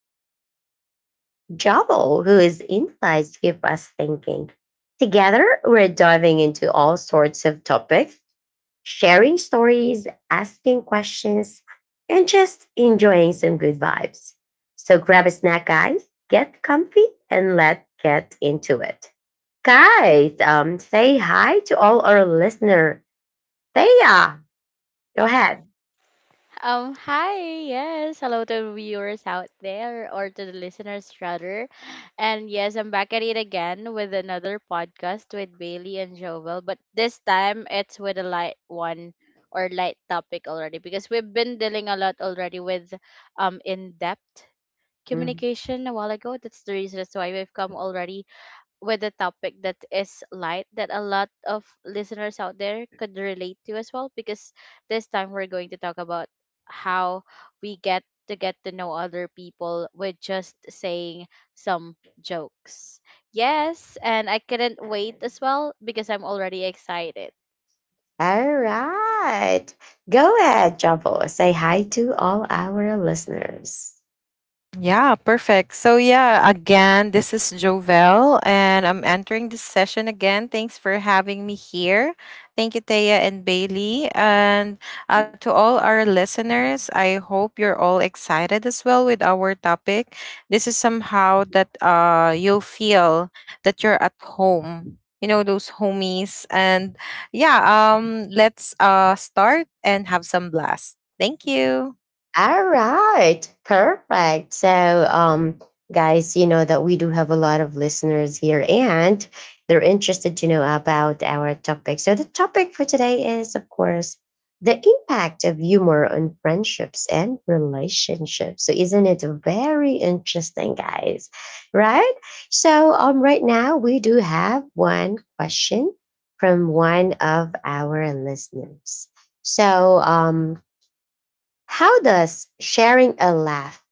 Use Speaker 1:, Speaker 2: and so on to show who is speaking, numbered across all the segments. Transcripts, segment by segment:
Speaker 1: stories, and Jovel, whose insights keep us thinking. Together, we're diving into all sorts of topics sharing stories, asking questions, and just enjoying some good vibes. So grab a snack, guys, get comfy, and let's get into it. Guys, say hi to all our listener. Thea, go ahead.
Speaker 2: Hi, yes, hello to viewers out there or to the listeners rather. And yes, I'm back at it again with another podcast with Bailey and Jovel, but this time it's with a light one or light topic already because we've been dealing a lot already with in-depth
Speaker 1: Mhm.
Speaker 2: communication a while ago. That's the reason that's why we've come already with a topic that is light that a lot of listeners out there could relate to as well because this time we're going to talk about how we get to know other people with just saying some jokes. Yes, and I couldn't wait as well because I'm already excited.
Speaker 1: All right. Go ahead, Jumbo. Say hi to all our listeners.
Speaker 3: Yeah, perfect. So yeah, again, this is Jovel and I'm entering this session again. Thanks for having me here. Thank you, Thea and Bailey. And to all our listeners, I hope you're all excited as well with our topic. This is somehow that you'll feel that you're at home. You know, those homies. And yeah, let's start and have some blast. Thank you.
Speaker 1: All right, perfect. So, guys, you know that we do have a lot of listeners here, and they're interested to know about our topic. So, the topic for today is, of course, the impact of humor on friendships and relationships. So, isn't it very interesting, guys? Right? So, right now we do have one question from one of our listeners. So, how does sharing a laugh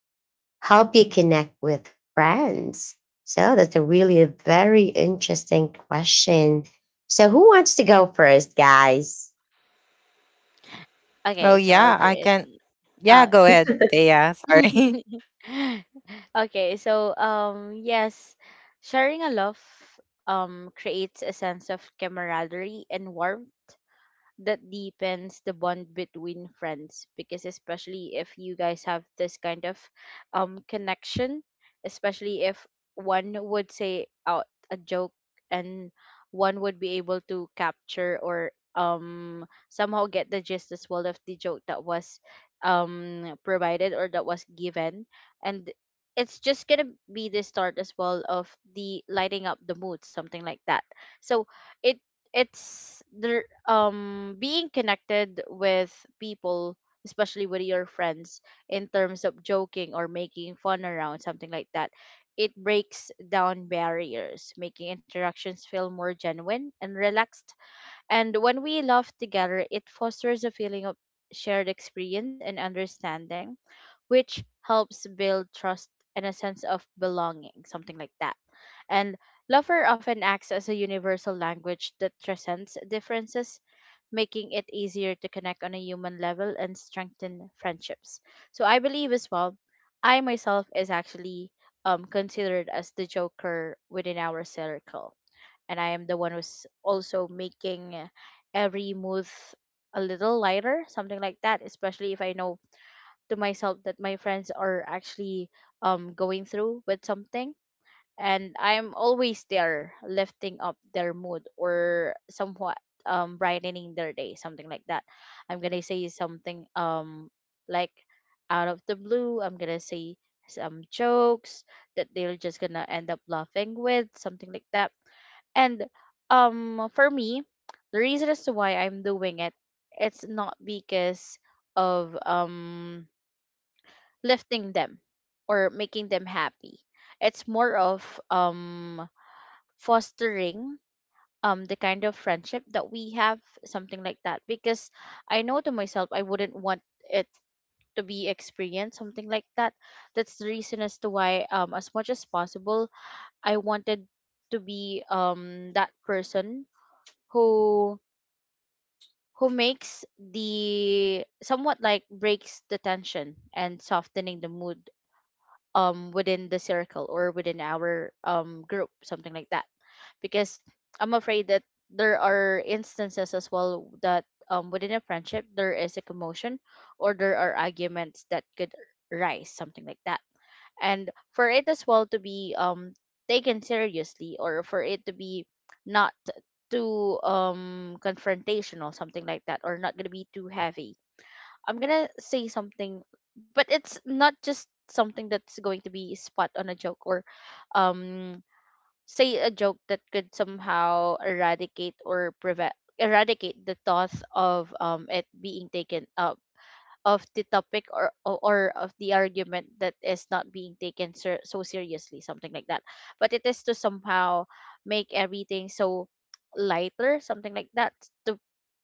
Speaker 1: help you connect with friends? So that's a really very interesting question. So who wants to go first, guys?
Speaker 2: Okay,
Speaker 3: Oh
Speaker 2: so I'll
Speaker 3: yeah,
Speaker 2: do
Speaker 3: I
Speaker 2: it.
Speaker 3: can. Yeah,
Speaker 2: Uh,
Speaker 3: go ahead, Thea. Sorry.
Speaker 2: okay, so yes, sharing a love creates a sense of camaraderie and warmth that deepens the bond between friends because especially if you guys have this kind of connection, especially if one would say out a joke and one would be able to capture or somehow get the gist as well of the joke that was provided or that was given, and it's just gonna be the start as well of the lighting up the mood, something like that. So it it's the being connected with people, especially with your friends, in terms of joking or making fun around, something like that. It breaks down barriers, making interactions feel more genuine and relaxed, and when we laugh together it fosters a feeling of shared experience and understanding, which helps build trust and a sense of belonging, something like that. And lover often acts as a universal language that transcends differences, making it easier to connect on a human level and strengthen friendships. So I believe as well, I myself is actually considered as the joker within our circle, and I am the one who's also making every move a little lighter, something like that. Especially if I know to myself that my friends are actually going through with something, and I'm always there lifting up their mood or somewhat brightening their day, something like that. I'm gonna say something like out of the blue, I'm gonna say some jokes that they're just gonna end up laughing with, something like that. And for me, the reason as to why I'm doing it, it's not because of lifting them or making them happy. It's more of um fostering the kind of friendship that we have, something like that. Because I know to myself I wouldn't want it to be experienced, something like that. That's the reason as to why as much as possible I wanted to be that person who who makes the somewhat like breaks the tension and softening the mood within the circle or within our group, something like that, because I'm afraid that there are instances as well that within a friendship there is a commotion or there are arguments that could rise, something like that, and for it as well to be taken seriously or for it to be not too confrontational, something like that, or not going to be too heavy. I'm gonna say something, but it's not just something that's going to be spot on a joke or um say a joke that could somehow eradicate or prevent eradicate the thought of it being taken of the topic or of the argument that is not being taken so seriously, something like that, but it is to somehow make everything so lighter, something like that, to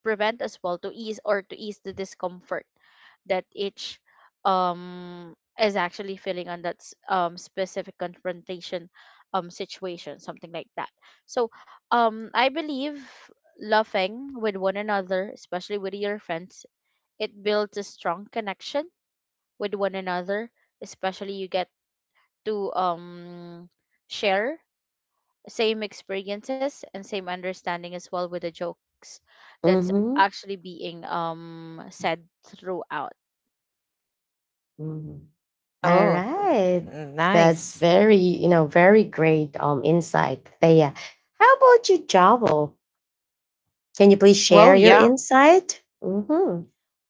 Speaker 2: prevent as well to ease or to ease the discomfort that each um is actually feeling on that specific confrontation situation, something like that. So I believe laughing with one another, especially with your friends, it builds a strong connection with one another, especially you get to share same experiences and same understanding as well with the jokes that's
Speaker 1: Mm-hmm.
Speaker 2: actually being said throughout.
Speaker 1: Mhm. All
Speaker 3: Oh,
Speaker 1: right. That's
Speaker 3: nice.
Speaker 1: very, you know, very great insight, Thea. How about you, Jovel? Can you please
Speaker 3: Well,
Speaker 1: share your
Speaker 3: yeah,
Speaker 1: insight? Hmm.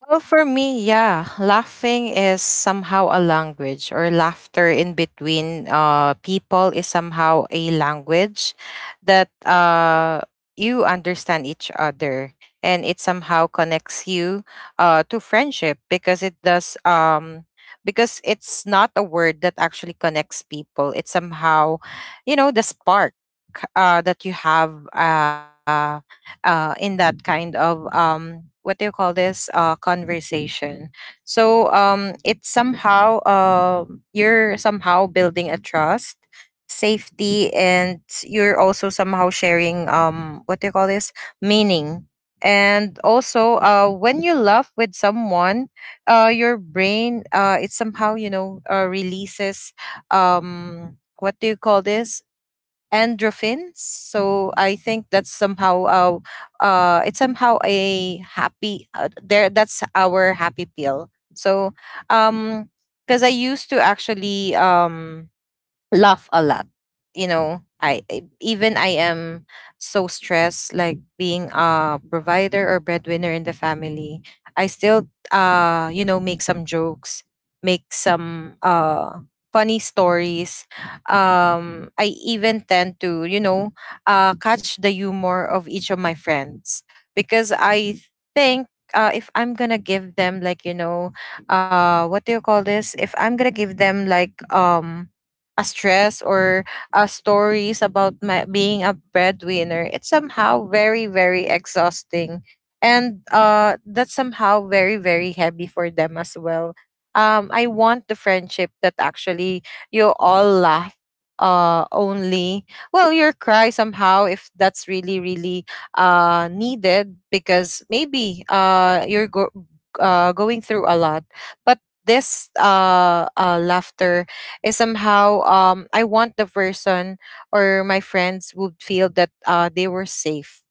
Speaker 3: Well, for me, yeah, laughing is somehow a language, or laughter in between people is somehow a language that you understand each other, and it somehow connects you to friendship because it does. Because it's not a word that actually connects people. It's somehow, you know, the spark that you have. In that kind of what do you call this conversation, so it's somehow you're somehow building a trust, safety, and you're also somehow sharing, what do you call this, meaning. And also when you laugh with someone, your brain, it somehow you know releases, what do you call this, endorphins. So I think that's somehow it's somehow a happy there, that's our happy pill. So um because I used to actually laugh a lot. You know, even I am so stressed, like being a provider or breadwinner in the family, I still you know make some jokes, make some funny stories. I even tend to you know catch the humor of each of my friends, because I think if I'm gonna give them like you know, what do you call this? If I'm gonna give them like a stress or stories about my, being a breadwinner, it's somehow very, very exhausting. And that's somehow very, very heavy for them as well. I want the friendship that actually you all laugh only. Well, your cry somehow, if that's really, really needed, because maybe uh, going through a lot. But this laughter is somehow I want the person or my friends would feel that they were safe,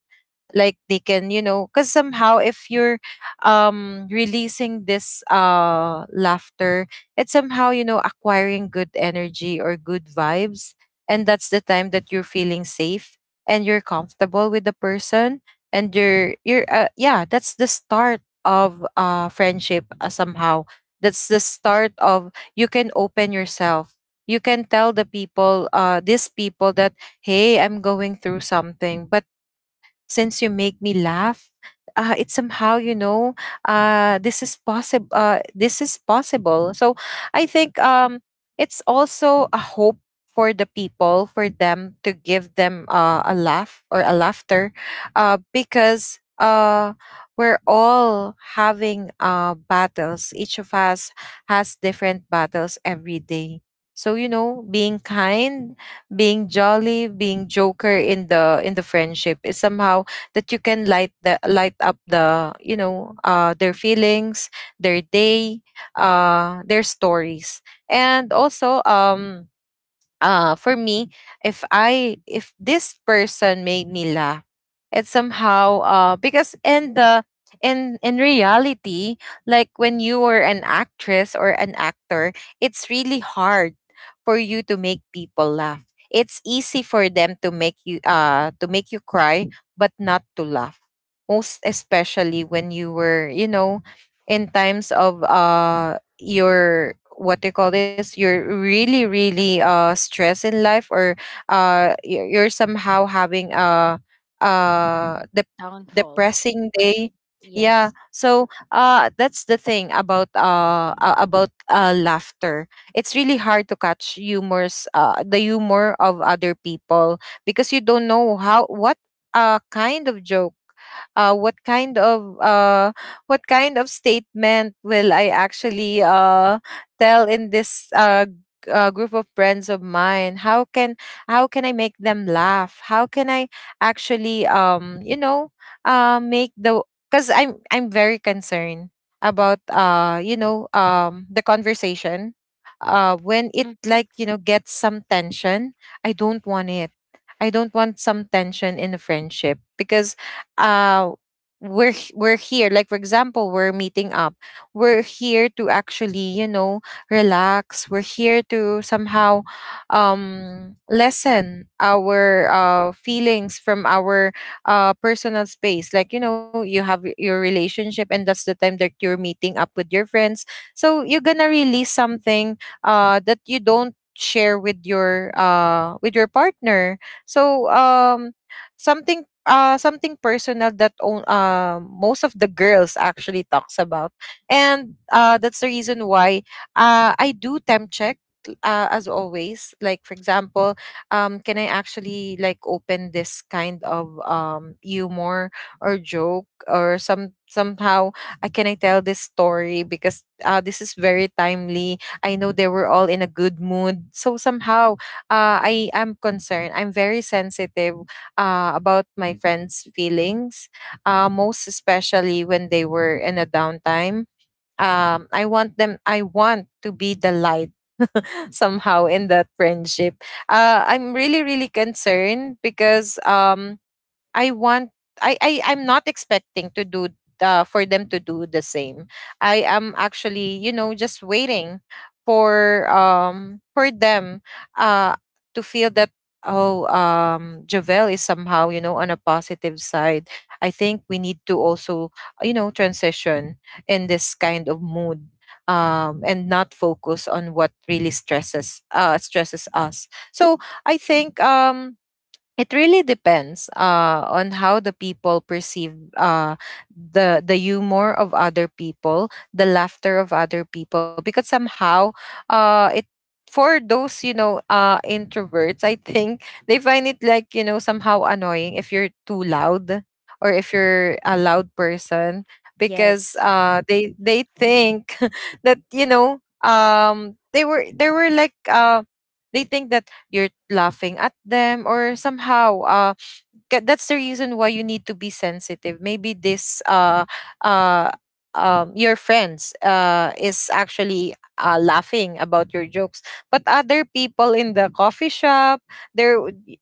Speaker 3: like they can you know, because somehow if you're releasing this laughter, it's somehow you know acquiring good energy or good vibes, and that's the time that you're feeling safe and you're comfortable with the person. And you're yeah, that's the start of friendship, somehow that's the start of you can open yourself, you can tell the people, these people, that hey, I'm going through something, but since you make me laugh, it's somehow you know this is possible, this is possible. So I think it's also a hope for the people, for them to give them a laugh or a laughter, because we're all having battles. Each of us has different battles every day. So you know, being kind, being jolly, being joker in the friendship is somehow that you can light up the you know their feelings, their day, their stories. And also for me, if I if this person made me laugh, it's somehow because in the in reality, like when you were an actress or an actor, it's really hard for you to make people laugh. It's easy for them to make you cry, but not to laugh. Most especially when you were you know in times of you're what do you call this, you're really really stressed in life, or you're somehow having a the
Speaker 2: Downfall,
Speaker 3: depressing day.
Speaker 2: depression.
Speaker 3: Yeah,
Speaker 2: Yes.
Speaker 3: so that's the thing about laughter. It's really hard to catch humors, the humor of other people, because you don't know how, what kind of joke, uh what kind of uh what kind of statement will I actually tell in this group of friends of mine? How can, how can I make them laugh? How can I actually you know make the, because I'm very concerned about you know the conversation. When it
Speaker 2: Hmm.
Speaker 3: like you know gets some tension, I don't want it. I don't want some tension in a friendship, because uh we're here, like for example, we're meeting up, we're here to actually you know relax, we're here to somehow lessen our feelings from our personal space. Like you know, you have your relationship, and that's the time that you're meeting up with your friends. So you're gonna release something that you don't share with your partner. So something something personal that on, most of the girls actually talks about. And that's the reason why I do temp check, as always. Like for example, can I actually like open this kind of humor or joke, or some somehow, I can I tell this story, because this is very timely, I know they were all in a good mood. So somehow I am concerned, I'm very sensitive about my, friends' feelings, most especially when they were in a downtime. I want them. I want to be the light somehow in that friendship. I'm really, really concerned because I want, I'm not expecting to do for them to do the same. I am actually, you know, just waiting for them uh to feel that, oh, Javel is somehow, you know, on a positive side. I think we need to also, you know, transition in this kind of mood, and not focus on what really stresses us. So I think it really depends on how the people perceive the humor of other people, the laughter of other people. Because somehow it, for those you know introverts, I think they find it like you know somehow annoying if you're too loud, or if you're a loud person, because
Speaker 2: Yes.
Speaker 3: they think that you know they were like they think that you're laughing at them or somehow that's the reason why you need to be sensitive. Maybe this uh your friends is actually laughing about your jokes, but other people in the coffee shop, they're,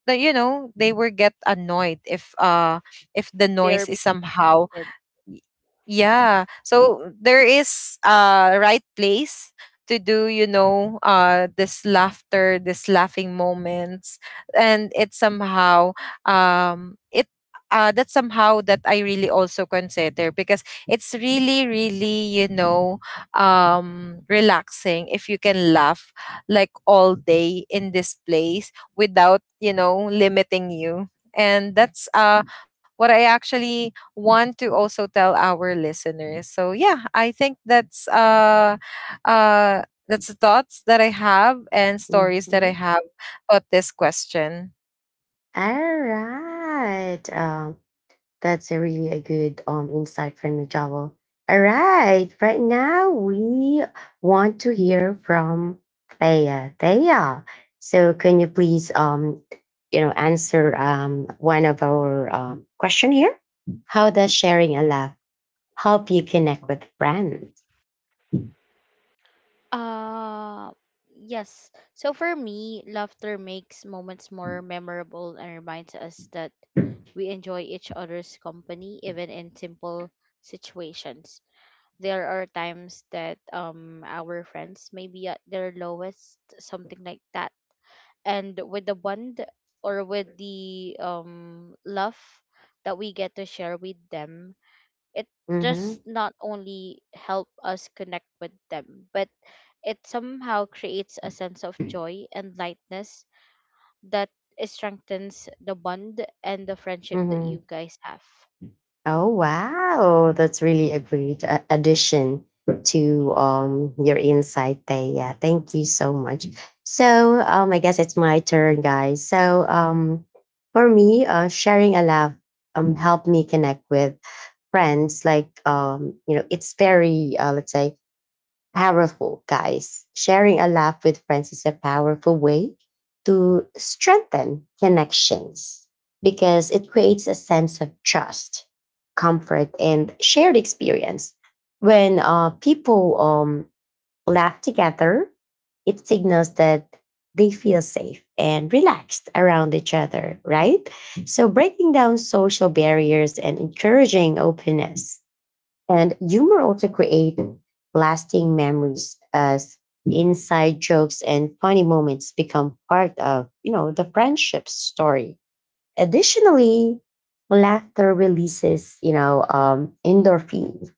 Speaker 3: you know, they will get annoyed if the
Speaker 2: They're being
Speaker 3: noise is somehow
Speaker 2: said.
Speaker 3: Y- yeah. So there is a right place to do you know this laughter, this laughing moments. And it somehow it that's somehow that I really also consider, because it's really really you know relaxing if you can laugh like all day in this place without you know limiting you. And that's what I actually want to also tell our listeners. So yeah, I think uh that's the thoughts that I have and stories that I
Speaker 1: Mhm.
Speaker 3: have about this question.
Speaker 1: All right. That's a really a good insight from you, Joel. All right, right now we want to hear from Thea. Thea, so can you please you know answer one of our question here? How does sharing a laugh help you connect with friends? Mhm,
Speaker 2: Uh, yes. So for me, laughter makes moments more memorable and reminds us that we enjoy each other's company even in simple situations. There are times that our friends may be at their lowest, something like that. And with the bond or with the love that we get to share with them, it does not only help us connect with them, but it somehow creates a sense of joy and lightness that strengthens the bond and the friendship that you
Speaker 1: mhm.
Speaker 2: guys have.
Speaker 1: Oh wow, that's really a great addition to your insight there. Yeah, thank you so much. So, I guess it's my turn, guys. So, for me, sharing a laugh helped me connect with friends. Like you know, it's very let's say powerful, guys. Sharing a laugh with friends is a powerful way to strengthen connections because it creates a sense of trust, comfort, and shared experience. When people laugh together, it signals that they feel safe and relaxed around each other, right? So, breaking down social barriers and encouraging openness and humor also creates lasting memories as inside jokes and funny moments become part of, you know, the friendship story. Additionally, laughter releases, you know, endorphins,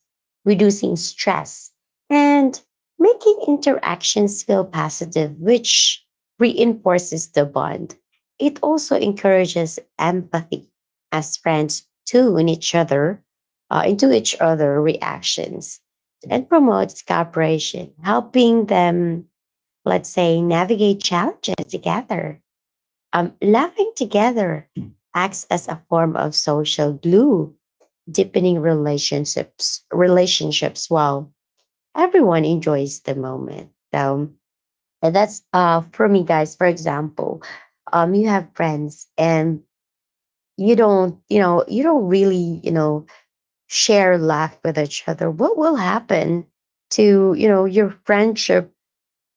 Speaker 1: reducing stress and making interactions feel positive, which reinforces the bond. It also encourages empathy as friends tune each other into each other reactions and promotes cooperation, helping them, let's say, navigate challenges together. Laughing together acts as a form of social glue, deepening relationships. Relationships while everyone enjoys the moment. So and that's for me, guys. For example, you have friends and you don't, you know, you don't really, you know, share laugh with each other. What will happen to you know your friendship?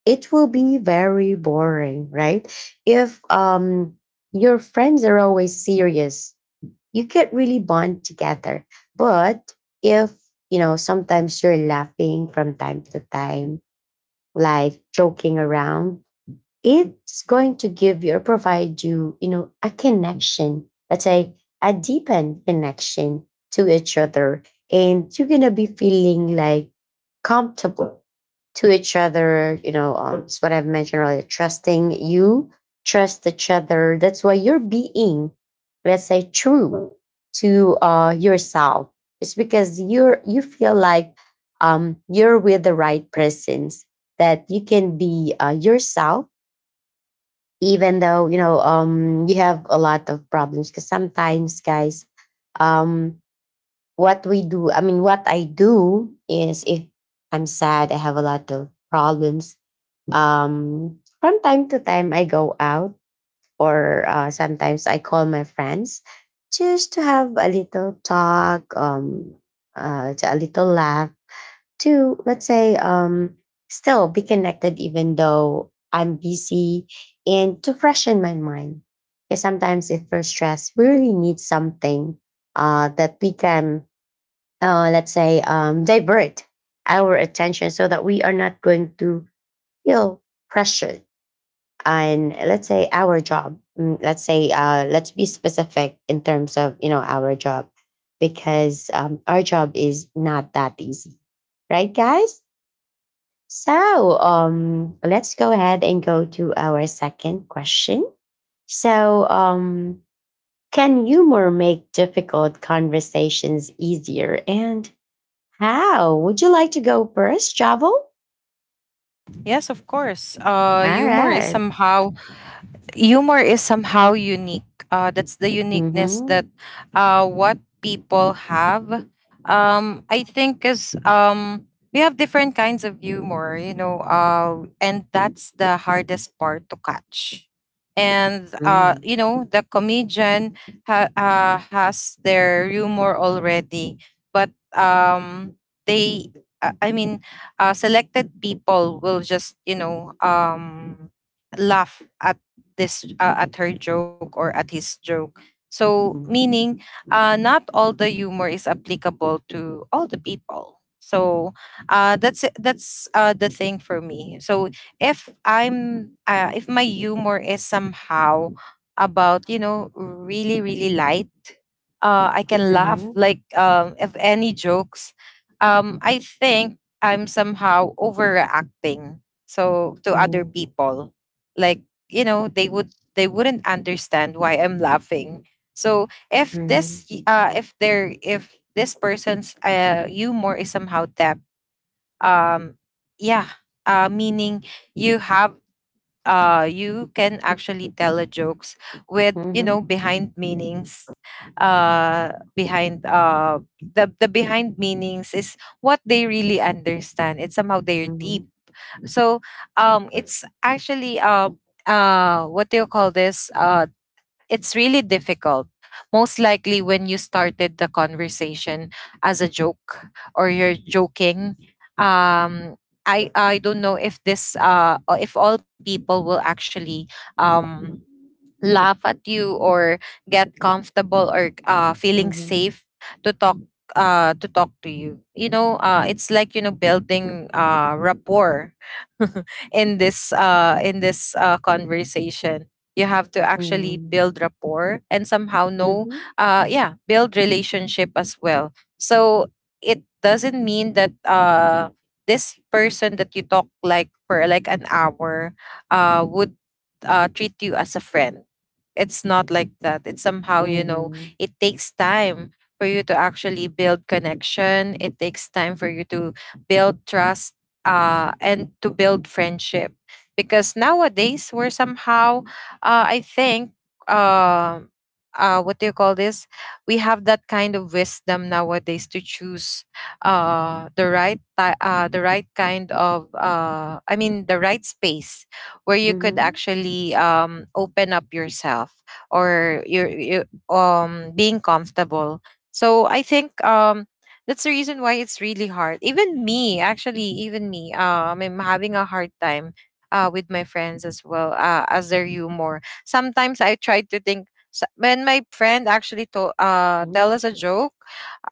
Speaker 1: It will be very boring, right? If your friends are always serious, you can't really bond together. But if you know, sometimes you're laughing from time to time, like joking around, it's going to give you or provide you, you know, a connection. Let's say a deepened connection to each other. And you're gonna be feeling like comfortable to each other. You know, it's what I've mentioned earlier. Trust each other. That's why you're being, let's say, true to yourself. It's because you feel like you're with the right persons that you can be yourself, even though you know you have a lot of problems. Because sometimes, guys, um, what we do, I mean, what I do is if I'm sad, I have a lot of problems from time to time, I go out, or sometimes I call my friends just to have a little talk, to a little laugh, to let's say, still be connected even though I'm busy, and to freshen my mind. Because sometimes, if we're stressed, we really need something that we can, let's say, divert our attention so that we are not going to feel pressured and let's say our job let's say let's be specific in terms of you know our job because our job is not that easy, right guys? So, let's go ahead and go to our second question. So, can humor make difficult conversations easier, and how? Would you like to go first, Javel?
Speaker 3: Yes, of course.
Speaker 1: All right.
Speaker 3: Humor is somehow unique. That's the uniqueness
Speaker 1: Mm-hmm.
Speaker 3: that what people have. I think is, we have different kinds of humor, you know, and that's the hardest part to catch. And
Speaker 1: Mm-hmm.
Speaker 3: you know, the comedian has their humor already, but um, they, I mean, selected people will just you know laugh at this at her joke or at his joke. So meaning, not all the humor is applicable to all the people. So that's the thing for me. So if I'm if my humor is somehow about you know really really light, I can laugh like if any jokes. I think I'm somehow overreacting so to other
Speaker 1: Mm-hmm.
Speaker 3: people, like you know they wouldn't understand why I'm laughing. So if this
Speaker 1: Mhm.
Speaker 3: if this person's humor is somehow that, um yeah meaning you have you can actually tell a jokes with you know
Speaker 1: Mhm.
Speaker 3: behind meanings, behind the behind meanings is what they really understand, it's somehow their deep.
Speaker 1: Mhm.
Speaker 3: So it's actually what do you call this? It's really difficult. Most likely, when you started the conversation as a joke or you're joking, um, I don't know if this or if all people will actually um, laugh at you or get comfortable or feeling
Speaker 1: Mhm.
Speaker 3: safe to talk to talk to you, you know, it's like, you know, building rapport in this conversation. You have to actually
Speaker 1: Mhm.
Speaker 3: build rapport and somehow know,
Speaker 1: Mhm.
Speaker 3: yeah, build relationship as well. So it doesn't mean that this person that you talk like for like an hour would treat you as a friend. It's not like that. It's somehow, you know,
Speaker 1: Mhm.
Speaker 3: it takes time for you to actually build connection. It takes time for you to build trust and to build friendship. Because nowadays, we're somehow, I think, uh, what do you call this? We have that kind of wisdom nowadays to choose the right, the right kind of, I mean, the right space where you could actually open up yourself or you're, you being comfortable. So I think that's the reason why it's really hard. Even me, actually, even me, I'm having a hard time with my friends as well as their humor. Sometimes I try to think when my friend actually to, tell
Speaker 1: Mhm.
Speaker 3: us a joke,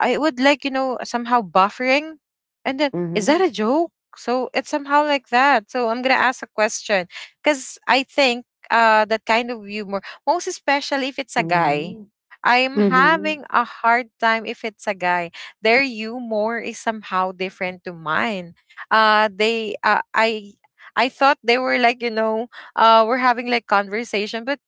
Speaker 3: I would, like, you know, somehow buffering, and then
Speaker 1: Mhm.
Speaker 3: is that a
Speaker 1: Mhm.
Speaker 3: joke? So it's somehow like that. So I'm gonna ask a question because I think that kind of humor, most especially if it's a guy,
Speaker 1: Mhm.
Speaker 3: I'm having
Speaker 1: Mhm.
Speaker 3: a hard time if it's a guy. Their humor is somehow different to mine. Uh, they, uh, I, I thought they were, like, you know, we're having like conversation, but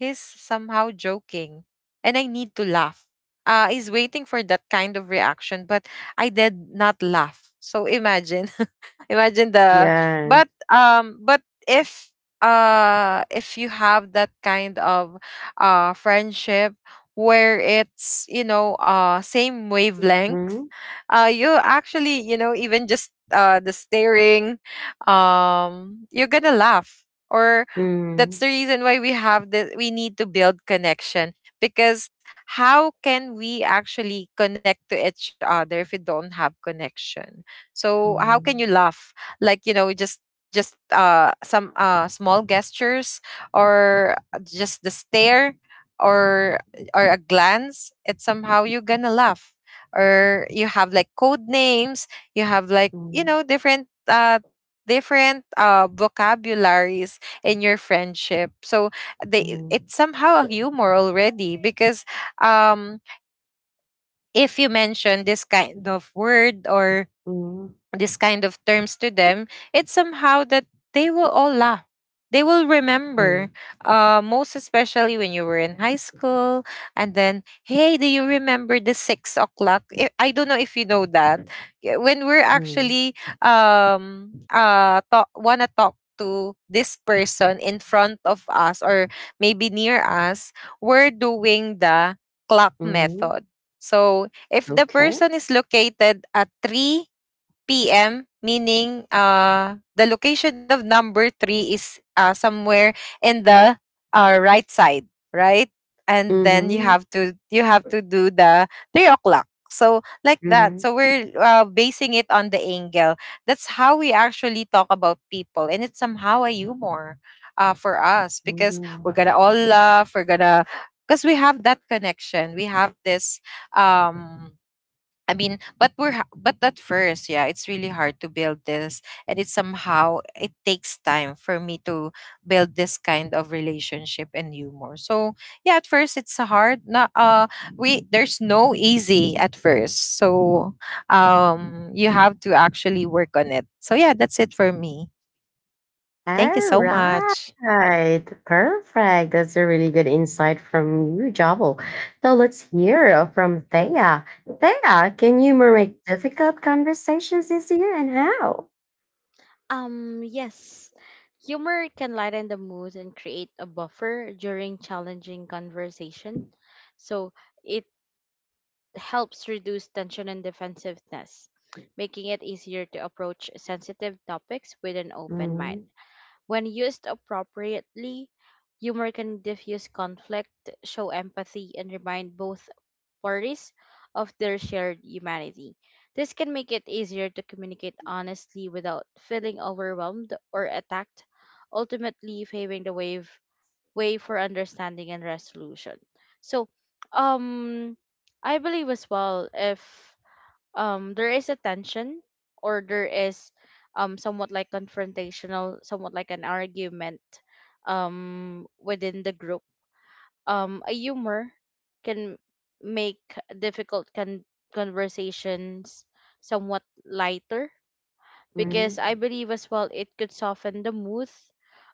Speaker 3: he's somehow joking and I need to laugh. He's waiting for that kind of reaction, but I did not laugh. So imagine, imagine the,
Speaker 1: Yes.
Speaker 3: but if, if you have that kind of, friendship where it's, you know, same wavelength,
Speaker 1: Mhm.
Speaker 3: you actually, you know, even just, the staring, you're gonna laugh or That's the
Speaker 1: Mhm.
Speaker 3: reason why we have the we need to build connection. Because how can we actually connect to each other if we don't have connection? So how can you
Speaker 1: Mhm.
Speaker 3: laugh, like, you know, just some small gestures or just the stare or or a glance, it's somehow you're gonna laugh, or you have like code names. You have like, you know, different uh vocabularies in your friendship. So
Speaker 1: Mhm.
Speaker 3: they
Speaker 1: Mhm.
Speaker 3: it's somehow a humor already, because um if you mention this kind of word or this kind of terms to them, it's somehow that they will all laugh. They will
Speaker 1: Mhm.
Speaker 3: remember,
Speaker 1: Mhm.
Speaker 3: most especially when you were in high school. And then, hey, do you remember the 6 o'clock? I don't know if you know that. Yeah. When we're
Speaker 1: Mhm.
Speaker 3: actually wanna talk to this person in front of us or maybe near us, we're doing the clock
Speaker 1: Mhm.
Speaker 3: method. So if the
Speaker 1: Okay.
Speaker 3: person is located at three PM, meaning the location of number three is somewhere in the right side, right? And then
Speaker 1: Mhm.
Speaker 3: you have to do the 3 o'clock. So like that.
Speaker 1: Mhm.
Speaker 3: So we're basing it on the angle. That's how we actually talk about people, and it's somehow a humor for us because
Speaker 1: Mhm.
Speaker 3: we're gonna all laugh. We're gonna, because we have that connection. We have this um I mean, but at first, yeah, it's really hard to build this, and it takes time for me to build this kind of relationship and humor. So yeah, at first it's hard. Not we There's no easy at first. So you have to actually work on it. So yeah, that's it for me. Thank you
Speaker 1: All
Speaker 3: so much.
Speaker 1: right. Perfect. That's a really good insight from you, Jabal. So let's hear from Thea. Thea, can you make difficult conversations this year and how?
Speaker 2: Yes, humor can lighten the mood and create a buffer during challenging conversation. So it helps reduce tension and defensiveness, making it easier to approach sensitive topics with an open mind.
Speaker 1: Mm-hmm.
Speaker 2: When used appropriately, humor can diffuse conflict, show empathy, and remind both parties of their shared humanity. This can make it easier to communicate honestly without feeling overwhelmed or attacked, ultimately paving the way, way for understanding and resolution. So, um, I believe as well if there is a tension or there is somewhat like confrontational, somewhat like an argument within the group, a humor can make difficult con- conversations somewhat lighter because I
Speaker 1: Mm-hmm.
Speaker 2: believe as well it could soften the mood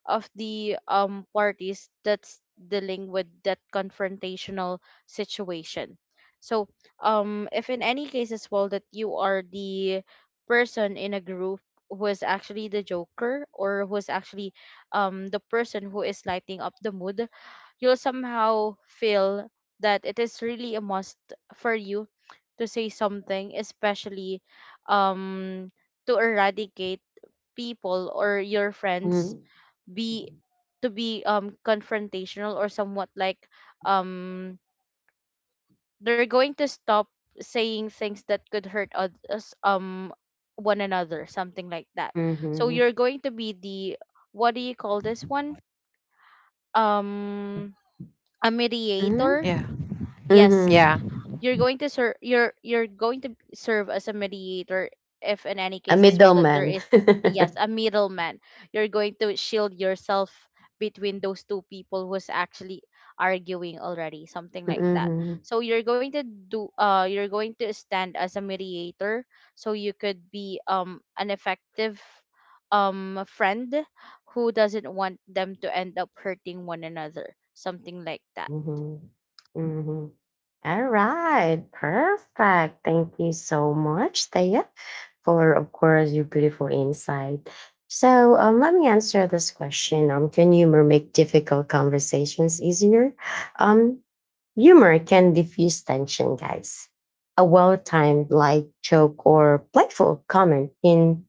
Speaker 2: of the parties that's dealing with that confrontational situation. So if in any case as well that you are the person in a group who is actually the joker or who is actually the person who is lighting up the mood, you'll somehow feel that it is really a must for you to say something, especially um, to eradicate people or your friends be to be confrontational or somewhat like um they're going to stop saying things that could hurt others one another, something like that. So
Speaker 1: Mm-hmm.
Speaker 2: you're going to be the what do you call this one, um a
Speaker 1: Mm-hmm.
Speaker 3: Yeah,
Speaker 2: mediator, yes.
Speaker 3: yeah,
Speaker 1: Mm-hmm.
Speaker 2: You're going to serve, you're going to serve as a mediator if in any
Speaker 1: A
Speaker 2: case as well that there
Speaker 1: middleman.
Speaker 2: is, yes,
Speaker 1: Mm-hmm.
Speaker 2: a middleman. You're going to shield yourself between those two people who's actually arguing already, something like that. So you're going to do, you're going to stand as a mediator so you could be an effective friend who doesn't want them to end up hurting one another, something like that.
Speaker 1: Mm-hmm. Mm-hmm. All right. Perfect. Thank you so much, Thea, for, of course, your beautiful insight. So, let me answer this question. Can humor make difficult conversations easier? Um, Humor can diffuse tension, guys. A well timed light joke or playful comment can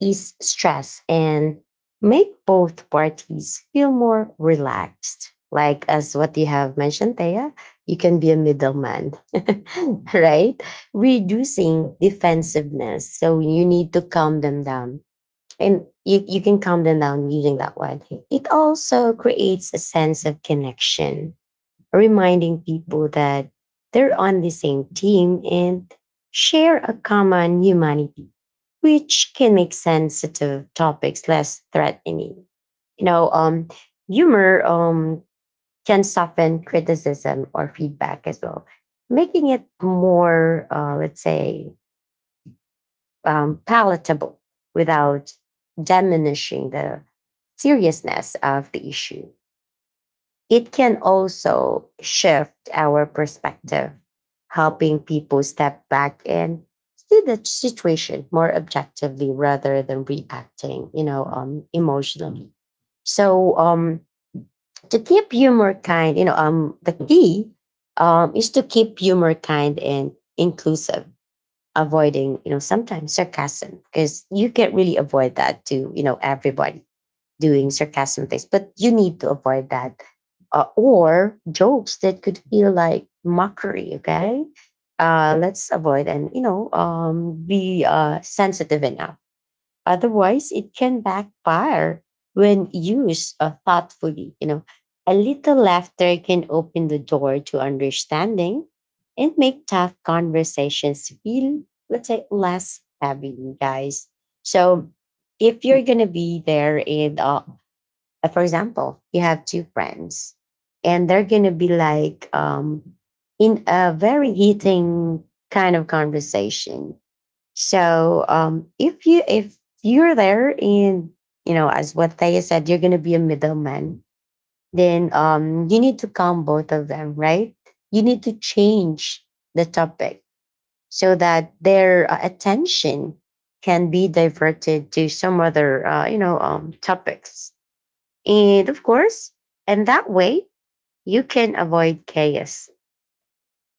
Speaker 1: ease stress and make both parties feel more relaxed. Like, as what you have mentioned, Thea, you can be a middleman, right? Reducing defensiveness. So, you need to calm them down. And you can calm them down using that one. It also creates a sense of connection reminding people that they're on the same team and share a common humanity, which can make sensitive topics less threatening. You know, humor can soften criticism or feedback as well, making it more, let's say, palatable without diminishing the seriousness of the issue. It can also shift our perspective, helping people step back and see the situation more objectively rather than reacting, you know, emotionally. So, to keep humor kind, you know, the key is to keep humor kind and inclusive, avoiding, you know, sometimes sarcasm because you can't really avoid that to, you know, everybody doing sarcasm things, but you need to avoid that. Or jokes that could feel like mockery, okay? Let's avoid and, you know, be sensitive enough. Otherwise, it can backfire when used thoughtfully. You know, a little laughter can open the door to understanding and make tough conversations feel, let's say, less heavy, you guys. So if you're gonna be there and but for example, you have two friends and they're going to be like in a very heating kind of conversation. So, if you if you're there in you know as what Thea said, you're going to be a middleman. Then you need to calm both of them, right? You need to change the topic so that their attention can be diverted to some other you know topics, and of course, and that way you can avoid chaos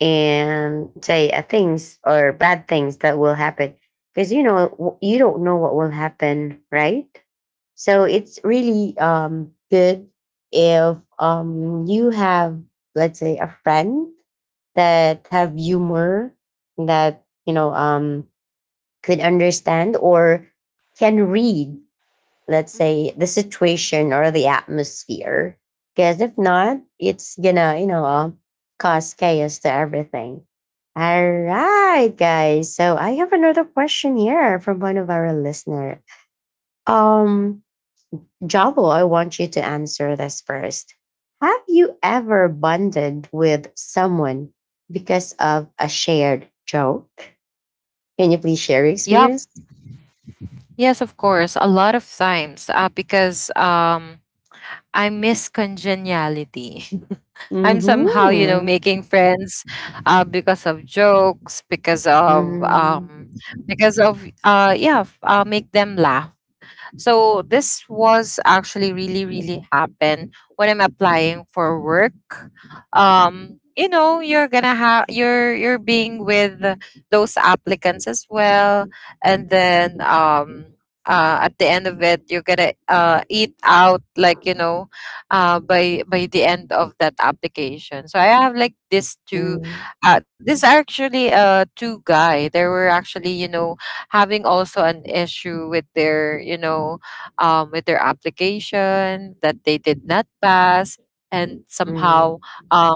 Speaker 1: and say things or bad things that will happen because you know you don't know what will happen, right? So it's really good if you have let's say a friend that have humor that you know could understand or can read let's
Speaker 2: Mhm.
Speaker 1: say the situation or the atmosphere because if not it's gonna you know cause chaos to everything. All right guys, so I have another question here from one of our listener. um Jabo, I want you to answer this first. Have you ever bonded with someone because of a shared joke? Can you please share your
Speaker 3: yep,
Speaker 1: experience?
Speaker 3: yes, of course. A lot of times, because I miss congeniality. I'm somehow, you know,
Speaker 1: Mm-hmm.
Speaker 3: making friends because of jokes,
Speaker 1: Mm-hmm.
Speaker 3: because of yeah, make them laugh. So this was actually really, really happen when I'm applying for work. You know, you're gonna have, you're being with those applicants as well, and then at the end of it, you're gonna eat out, like, you know, by the end of that application. So I have like this two.
Speaker 1: Mm-hmm.
Speaker 3: This actually two guy. They were actually, you know, having also an issue with their, you know, with their application that they did not pass, and somehow um,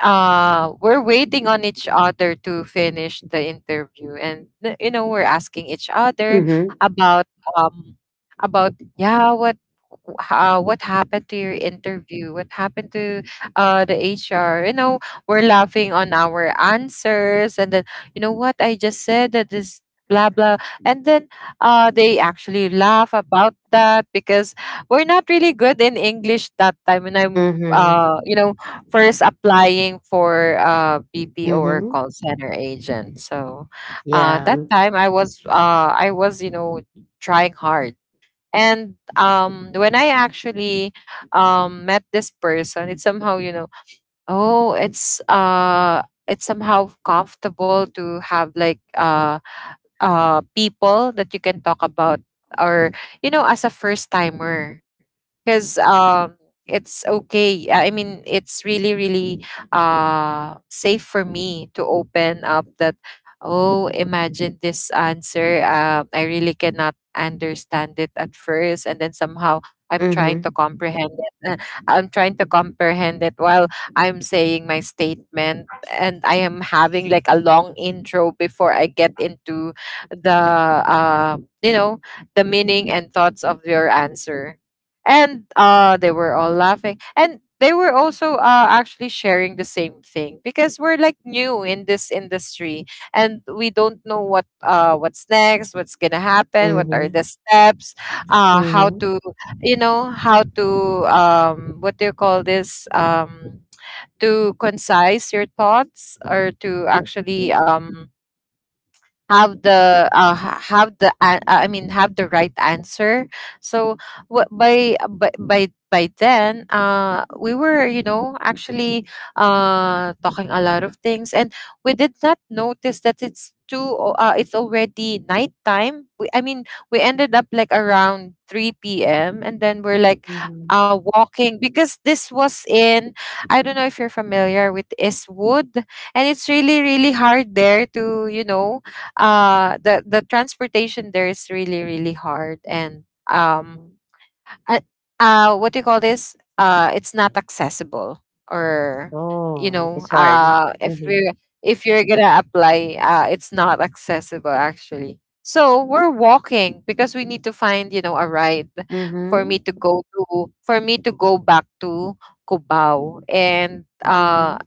Speaker 3: we're waiting on each other to finish the interview, and you know, we're asking each other
Speaker 1: Mhm,
Speaker 3: about um, about yeah what how, what happened to your interview? What happened to the HR? You know, we're laughing on our answers. And then, you know what? I just said that this blah, blah. And then they actually laugh about that because we're not really good in English that time. And I'm,
Speaker 1: mhm,
Speaker 3: you know, first applying for BPO or
Speaker 1: mhm,
Speaker 3: call center agent. So
Speaker 1: yeah,
Speaker 3: that
Speaker 1: mhm,
Speaker 3: time I was, you know, trying hard. And when I actually met this person, it's somehow, you know, oh, it's somehow comfortable to have like people that you can talk about, or, you know, as a first timer. Because it's okay, I mean, it's really, really safe for me to open up that, oh, imagine this answer. I really cannot understand it at first, and then somehow I'm trying to
Speaker 1: mhm,
Speaker 3: comprehend it, I'm trying to comprehend it while I'm saying my statement, and I am having like a long intro before I get into the you know, the meaning and thoughts of your answer. And they were all laughing, and they were also actually sharing the same thing, because we're like new in this industry and we don't know what what's next, what's gonna happen, what are the
Speaker 1: mhm,
Speaker 3: steps, how
Speaker 1: mhm,
Speaker 3: to, you know, how to what do you call this, to concise your thoughts, or to actually have the have the I mean have the right answer. So what by then we were, you know, actually talking a lot of things, and we did not notice that it's already nighttime. We, I mean we ended up like around 3 p.m., and then we're like
Speaker 1: mhm,
Speaker 3: walking, because this was in, I don't know if you're familiar with Eastwood, and it's really, really hard there to, you know, the transportation there is really, really hard. And um
Speaker 1: mhm.
Speaker 3: uh, what do you call this, it's not accessible, or you
Speaker 1: Oh,
Speaker 3: know,
Speaker 1: it's hard.
Speaker 3: if
Speaker 1: Mhm,
Speaker 3: we, if you're gonna apply, it's not accessible actually. So we're walking because we need to find, you know, a ride for me
Speaker 1: mhm,
Speaker 3: to go to, for me to go back to Cubao. And
Speaker 1: mhm,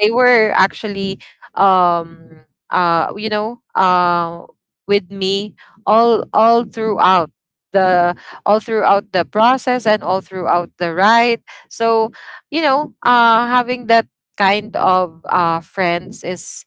Speaker 3: they were actually um you know, with me all throughout the, all throughout the process and all throughout the ride. So, you know, having that kind of friends is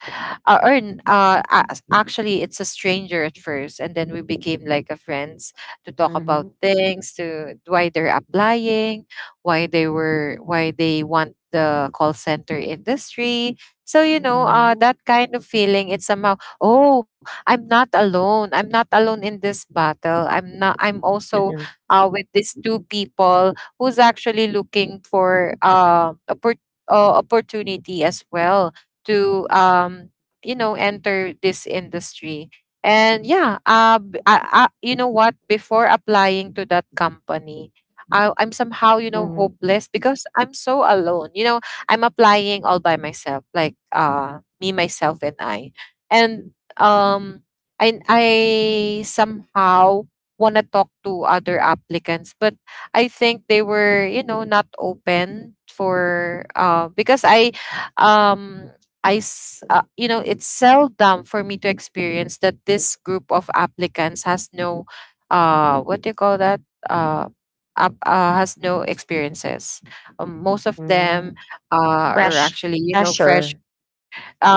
Speaker 3: ac- actually it's a stranger at first, and then we became like a friends, to talk about
Speaker 1: mhm,
Speaker 3: things, to why they're applying, why they want the call center industry. So you know,
Speaker 1: mhm,
Speaker 3: that kind of feeling, it's somehow, oh, I'm not alone, I'm not alone in this battle, I'm not I'm also
Speaker 1: mhm,
Speaker 3: with these two people who's actually looking for opportunity as well to you know, enter this industry. And yeah, I, you know what, before applying to that company, I'm somehow, you know,
Speaker 1: mhm.
Speaker 3: hopeless, because I'm so alone. You know, I'm applying all by myself, like me, myself, and I. And um, I somehow want to talk to other applicants, but I think they were, you know, not open for because I um you know, it's seldom for me to experience that this group of applicants has no what do you call that. Uh, has no experiences. Most of them
Speaker 1: Mhm.
Speaker 3: uh, are
Speaker 1: Fresh
Speaker 3: actually, you know, fresh,
Speaker 1: pressure,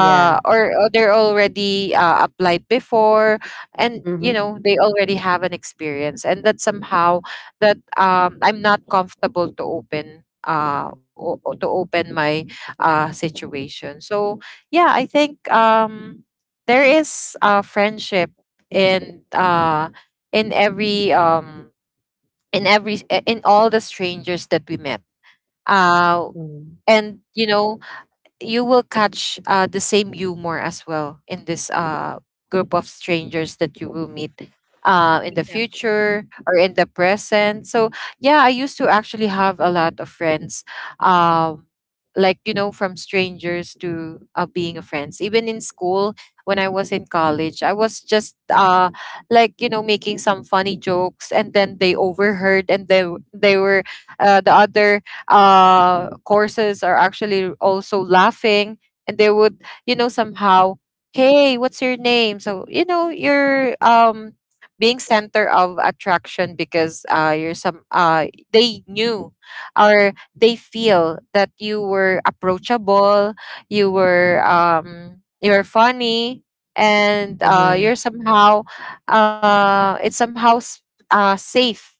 Speaker 1: yeah.
Speaker 3: or, or they're already applied before, and, you
Speaker 1: Mhm,
Speaker 3: know, they already have an experience. And that somehow that I'm not comfortable to open. To open my situation. So yeah, I think there is friendship in uh, in every in every in all the strangers that we met. Uh,
Speaker 1: mhm,
Speaker 3: and, you know, you will catch the same humor as well in this group of strangers that you will meet in the
Speaker 2: Exactly.
Speaker 3: future or in the present. So, yeah, I used to actually have a lot of friends, um, like, you know, from strangers to being a friends. Even in school, when I was in college, I was just like, making some funny jokes, and then they overheard, and they were, the other courses are actually also laughing, and they would, somehow, hey, what's your name? So you're being center of attraction, because you're some— they knew, or they feel that you were approachable, you were— you're funny, and
Speaker 1: mhm,
Speaker 3: you're somehow— it's somehow safe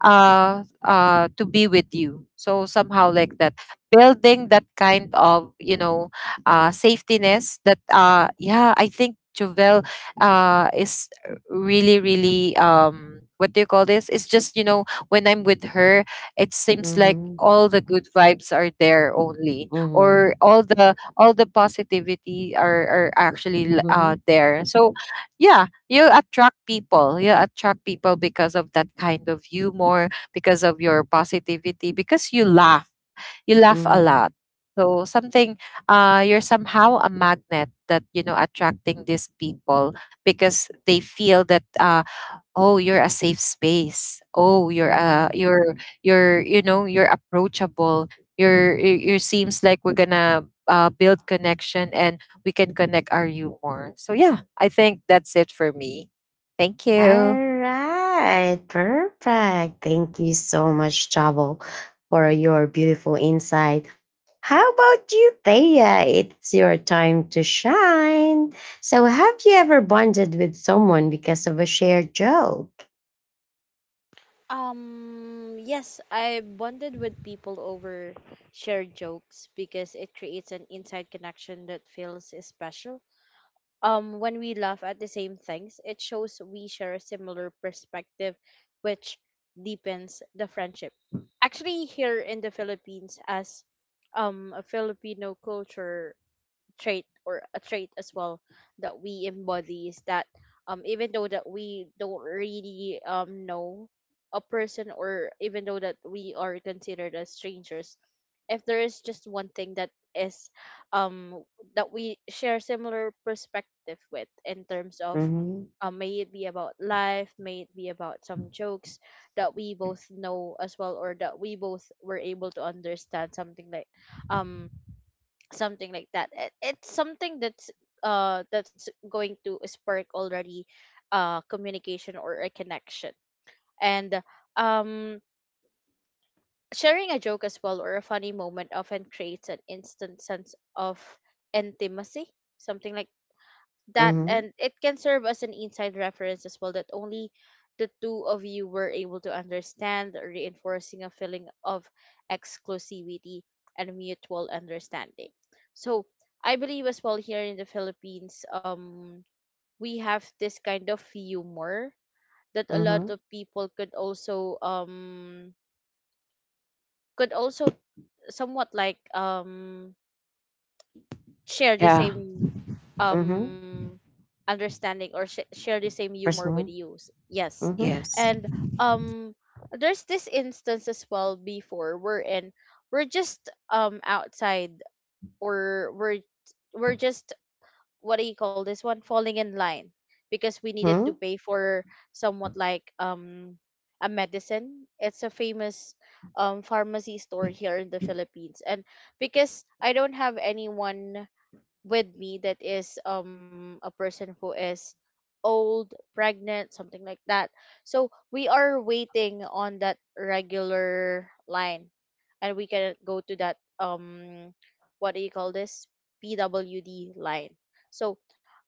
Speaker 3: to be with you. So somehow like that, building that kind of, safetiness. That, yeah, I think Jovel is really really, what do you call this? It's just, when I'm with her, it seems like
Speaker 1: mhm,
Speaker 3: all the good vibes are there only,
Speaker 1: mhm,
Speaker 3: or all the positivity are actually
Speaker 1: mhm,
Speaker 3: there. So yeah, you attract people, you attract people, because of that kind of humor, because of your positivity, because you laugh, you laugh a
Speaker 1: mhm,
Speaker 3: lot. So something, you're somehow a magnet that, attracting these people, because they feel that, oh, you're a safe space, oh, you're,
Speaker 1: mhm.
Speaker 3: you're, you're approachable, you seems like we're gonna build connection, and we can connect our humor. So yeah, I think that's it for me. Thank you.
Speaker 1: All right, perfect. Thank you so much, Chavo, for your beautiful insight. How about you, Thea? It's your time to shine. So, have you ever bonded with someone because of a shared joke?
Speaker 2: Yes, I bonded with people over shared jokes because it creates an inside connection that feels special. When we laugh at the same things, it shows we share a similar perspective, which deepens the friendship.
Speaker 1: Mhm.
Speaker 2: Actually, here in the Philippines, as a Filipino culture trait or a trait as well that we embody is that even though that we don't really know a person, or even though that we are considered as strangers, if there is just one thing that is um that we share similar perspective with in terms of, may it be about life, may it be about some jokes that we both know as well or that we both were able to understand, um something like that, it, it's something that's going to spark already communication or a connection. And um sharing a joke as well or a funny moment often creates an instant sense of intimacy, something like that, and
Speaker 1: Mhm.
Speaker 2: it can serve as an inside reference as well that only the two of you were able to understand, reinforcing a feeling of exclusivity and mutual understanding. So I believe as well, here in the Philippines, we have this kind of humor that a lot
Speaker 1: Mhm.
Speaker 2: of people could also could also somewhat like share the
Speaker 3: Yeah.
Speaker 2: same
Speaker 1: Mhm.
Speaker 2: um understanding or sh- share the same humor with
Speaker 1: Personal?
Speaker 2: you. Yes.
Speaker 1: Mhm,
Speaker 3: Yes.
Speaker 2: And um there's this instance as well before, we're just outside, or we're just what do you call this one, falling in line because we needed to
Speaker 1: mhm.
Speaker 2: pay for somewhat like a medicine. It's a famous pharmacy store here in the Philippines, and because I don't have anyone with me that is a person who is old, pregnant, something like that. So we are waiting on that regular line and we can go to that what do you call this? PWD line. So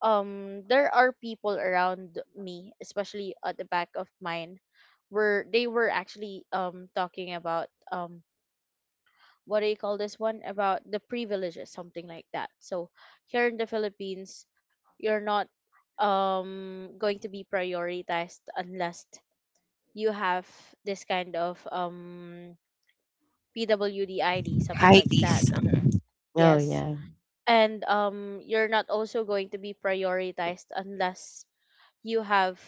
Speaker 2: um there are people around me, especially at the back of mine, where they were actually talking about what do you call this one, about the privileges, something like that. So here in the Philippines, you're not going to be prioritized unless you have this kind of pwdid, something like that.
Speaker 3: Heidi's.
Speaker 1: Oh,
Speaker 2: Yes,
Speaker 1: yeah.
Speaker 2: and you're not also going to be prioritized unless you have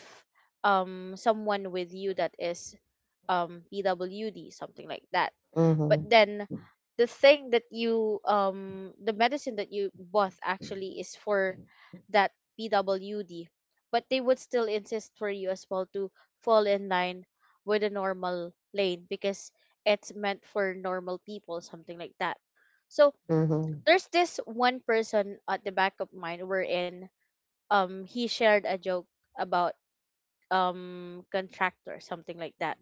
Speaker 2: someone with you that is pwd, something like that. But
Speaker 1: Mhm,
Speaker 2: then the thing that you the medicine that you bought actually is for that PWD, but they would still insist for you as well to fall in line with a normal lane because it's meant for normal people, something like that. So
Speaker 1: mhm,
Speaker 2: there's this one person at the back of mine, wherein he shared a joke about contractor, something like that.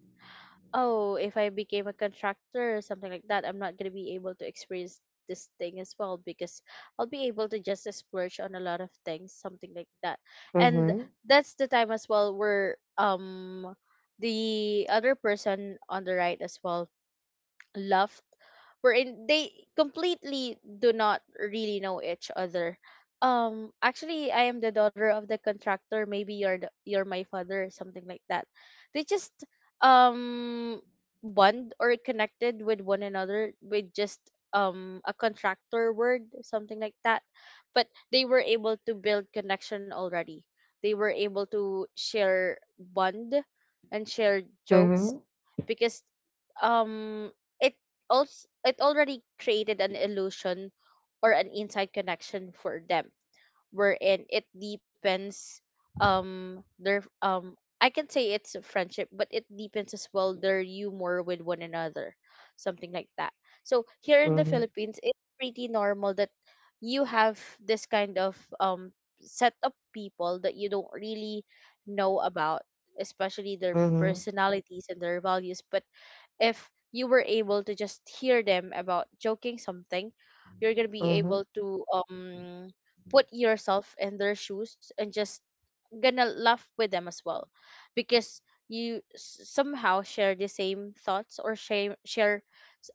Speaker 2: Oh, if I became a contractor or something like that, I'm not gonna be able to experience this thing as well, because I'll be able to just splurge on a lot of things, something like that. And
Speaker 1: mhm,
Speaker 2: that's the time as well where the other person on the right as well love, wherein they completely do not really know each other. Actually, I am the daughter of the contractor. Maybe you're the, you're my father, or something like that. They just um bond or connected with one another with just a contractor word, something like that. But they were able to build connection already. They were able to share bond and share jokes,
Speaker 1: mhm,
Speaker 2: because um it also it already created an illusion or an inside connection for them, wherein it deepens their I can say it's a friendship, but it deepens as well their humor with one another, something like that. So here in the
Speaker 1: mhm,
Speaker 2: Philippines it's pretty normal that you have this kind of set of people that you don't really know about, especially their
Speaker 1: mhm,
Speaker 2: personalities and their values. But if you were able to just hear them about joking something, you're gonna be
Speaker 1: mhm,
Speaker 2: able to put yourself in their shoes and just gonna laugh with them as well, because you somehow share the same thoughts or share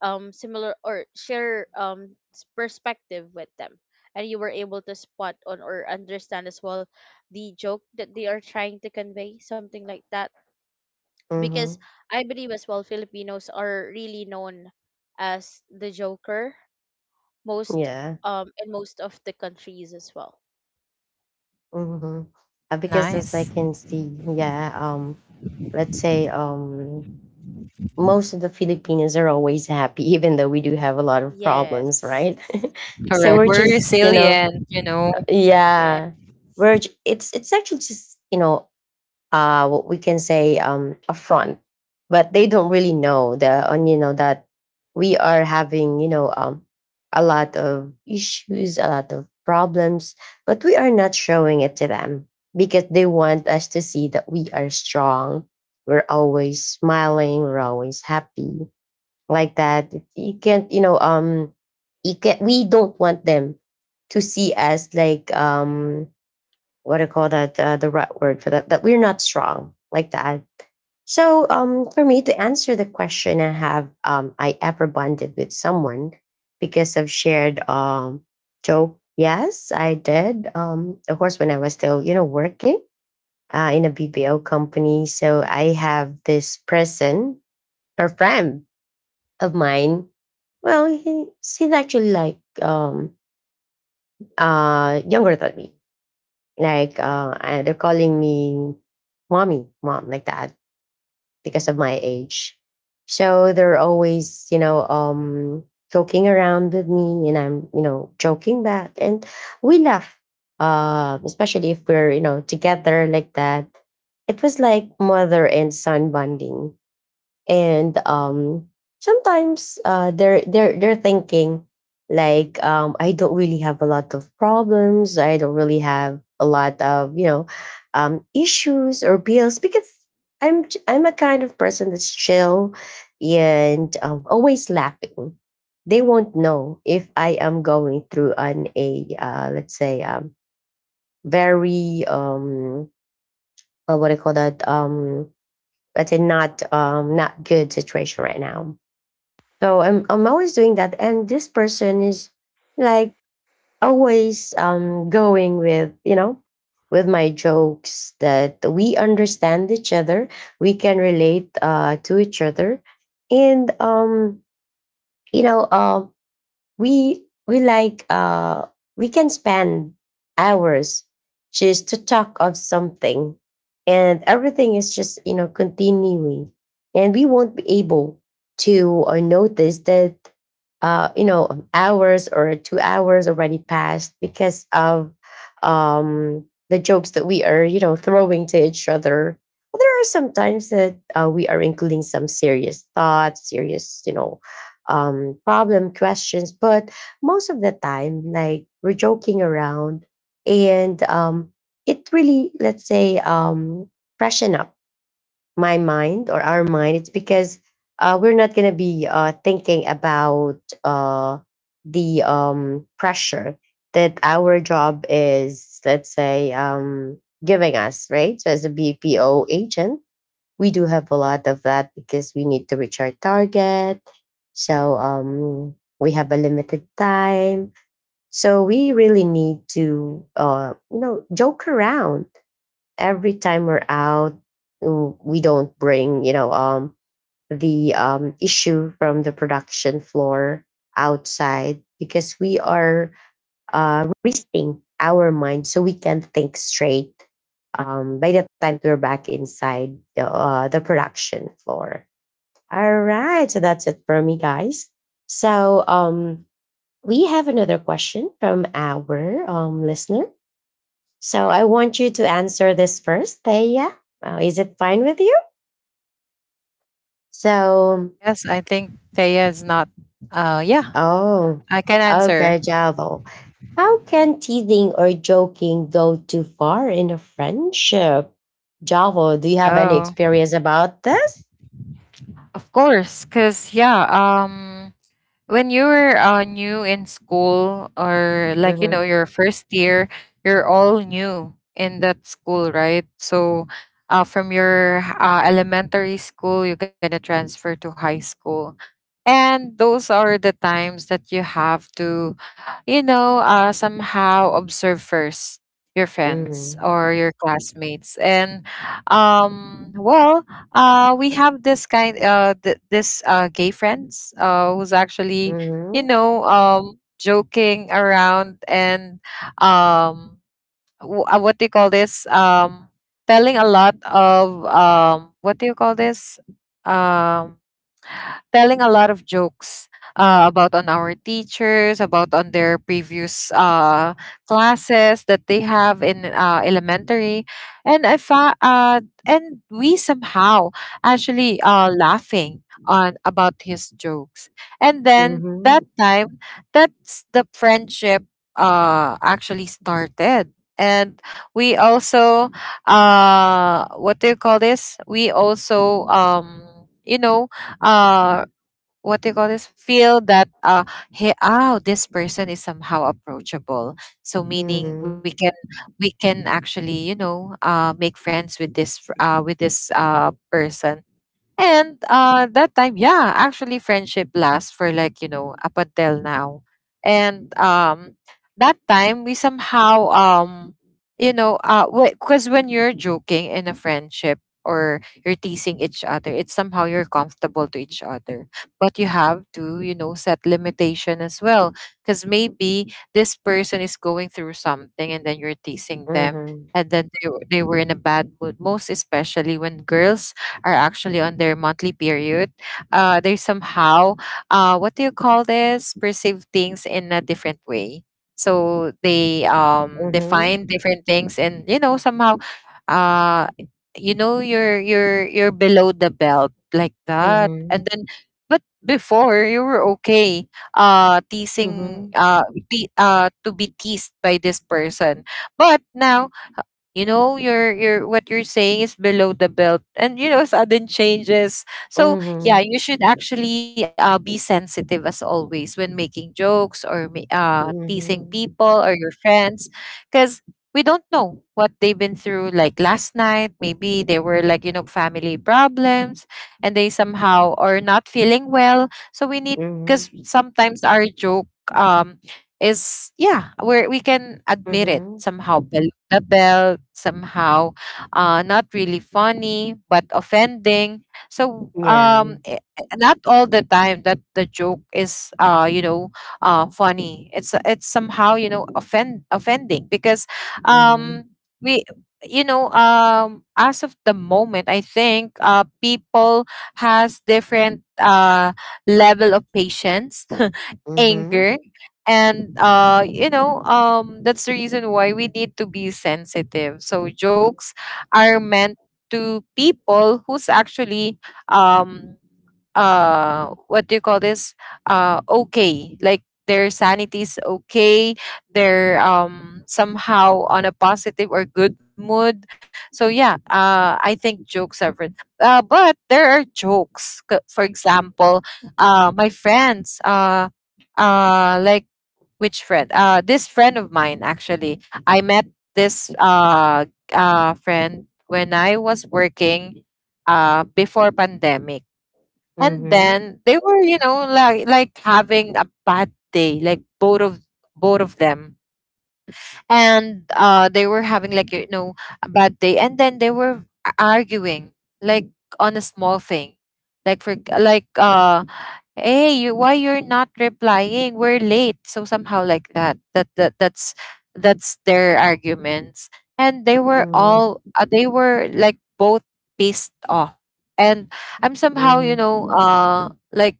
Speaker 2: similar or share perspective with them, and you were able to spot on or understand as well the joke that they are trying to convey, something like that.
Speaker 1: mhm.
Speaker 2: Because I believe as well Filipinos are really known as the joker, most
Speaker 1: Yeah,
Speaker 2: in most of the countries as well.
Speaker 1: mhm. Because as I
Speaker 3: Nice.
Speaker 1: can see, yeah, let's say most of the Filipinos are always happy, even though we do have a lot of problems,
Speaker 2: Yes.
Speaker 1: right? So
Speaker 3: Correct,
Speaker 1: we're
Speaker 3: we're
Speaker 2: Yes.
Speaker 1: just,
Speaker 3: resilient, you know.
Speaker 2: Yes.
Speaker 1: yeah, it's actually just what we can say affront, but they don't really know the and that we are having a lot of issues, a lot of problems, but we are not showing it to them, because they want us to see that we are strong. We're always smiling, we're always happy, like that. You can't, you can — we don't want them to see us like, what do you call that, the right word for that, that we're not strong like that. So for me to answer the question, I ever bonded with someone because of shared joke, yes I did. Of course when I was still working in a bbo company. So I have this person, a friend of mine. Well, he's actually like younger than me. Like, they're calling me mommy, mom, like that, because of my age. So they're always, joking around with me, and I'm, joking back, and we laugh. Especially if we're, together like that. It was like mother and son bonding. And sometimes, they're thinking, like, I don't really have a lot of problems, I don't really have a lot of, issues or bills, because I'm a kind of person that's chill, and always laughing. They won't know if I am going through an a, let's say, very, what do you call that, let's say, not, not good situation right now. So I'm always doing that. And this person is, like, always going with, with my jokes, that we understand each other, we can relate to each other. And, you know, um we like, we can spend hours just to talk of something, and everything is just, continuing, and we won't be able to, notice that, hours or 2 hours already passed, because of the jokes that we are, throwing to each other. There are sometimes that, we are including some serious thoughts, serious, problem questions. But most of the time, like, we're joking around, and, it really, let's say, freshen up my mind or our mind. It's because, we're not gonna be, thinking about, the, pressure that our job is, let's say, giving us, right? So as a BPO agent, we do have a lot of that, because we need to reach our target. So, we have a limited time. So we really need to, joke around every time we're out. We don't bring, the, issue from the production floor outside, because we are, resting our mind so we can think straight, by the time we're back inside the production floor. All right, so that's it for me, guys. So, we have another question from our, listener. So I want you to answer this first, Thea. Is it fine with you? So.
Speaker 3: Yes, I think Thea is not— yeah,
Speaker 1: Oh,
Speaker 3: I can answer.
Speaker 1: okay, Javo. How can teasing or joking go too far in a friendship? Javo, do you have any
Speaker 3: Oh,
Speaker 1: experience about this?
Speaker 3: of course, because, yeah, um when you were new in school, or like,
Speaker 1: Mm-hmm.
Speaker 3: your first year, you're all new in that school, right? So from your elementary school, you're gonna transfer to high school, and those are the times that you have to, somehow observe first your
Speaker 1: Mm-hmm.
Speaker 3: friends or your classmates. And, well, we have this this gay friends who's actually,
Speaker 1: Mm-hmm.
Speaker 3: joking around, and, um, what do you call this? Telling a lot of, what do you call this? Um Telling a lot of jokes about on our teachers, about on their previous classes that they have in elementary, and we somehow actually laughing on about his jokes, and then that time, that's the friendship actually started. And we also, what do you call this? We also, you know, uh what do you call this, feel that, hey, oh, this person is somehow approachable, so meaning we
Speaker 1: Mm-hmm.
Speaker 3: can, we can actually, make friends with with this person. And that time, yeah, actually, friendship lasts for, like, up until now. And, that time we somehow, you know, uh, because when you're joking in a friendship, or you're teasing each other, it's somehow you're comfortable to each other. But you have to, set limitation as well, because maybe this person is going through something, and then you're teasing them.
Speaker 1: Mm-hmm.
Speaker 3: And then they were in a bad mood, most especially when girls are actually on their monthly period. They somehow, what do you call this, perceive things in a different way. So they,
Speaker 1: Mm-hmm.
Speaker 3: define different things, and, somehow, uh, you're below the belt, like that, and
Speaker 1: Mm-hmm.
Speaker 3: then— but before, you were okay, teasing,
Speaker 1: Mm-hmm.
Speaker 3: to be teased by this person. But now, your what you're saying is below the belt. And, sudden changes. So
Speaker 1: Mm-hmm.
Speaker 3: yeah,
Speaker 1: Mm-hmm.
Speaker 3: you should actually, be sensitive as always when making jokes, or teasing
Speaker 1: Mm-hmm.
Speaker 3: people or your friends, because we don't know what they've been through. Like last night, maybe they were, like, family problems, and they somehow are not feeling well. So we need—
Speaker 1: Mm-hmm.
Speaker 3: because sometimes our joke, um is, yeah, where we can admit it,
Speaker 1: Mm-hmm.
Speaker 3: somehow, the belt, somehow, not really funny but offending. So,
Speaker 1: Yeah.
Speaker 3: i— not all the time that the joke is, funny. It's somehow, offend— offending, because,
Speaker 1: Mm-hmm.
Speaker 3: um we, as of the moment, I think, people has different level of patience
Speaker 1: Mm-hmm.
Speaker 3: anger. And, that's the reason why we need to be sensitive. So jokes are meant to people who's actually, um what do you call this, okay, like their sanity is okay, they're, somehow on a positive or good mood. So yeah, I think jokes are but there are jokes— for example, my friends, like— which friend? This friend of mine, actually. I met this friend when I was working, before pandemic, and
Speaker 1: Mm-hmm.
Speaker 3: then they were, like, having a bad day, like, both of them, and they were having, like, a bad day, and then they were arguing, like, on a small thing, like, for, like, hey, you, why you're not replying, we're late, so somehow like that, that's their arguments, and they were
Speaker 1: Mhm,
Speaker 3: all— they were, like, both pissed off, and I'm somehow,
Speaker 1: mhm,
Speaker 3: like,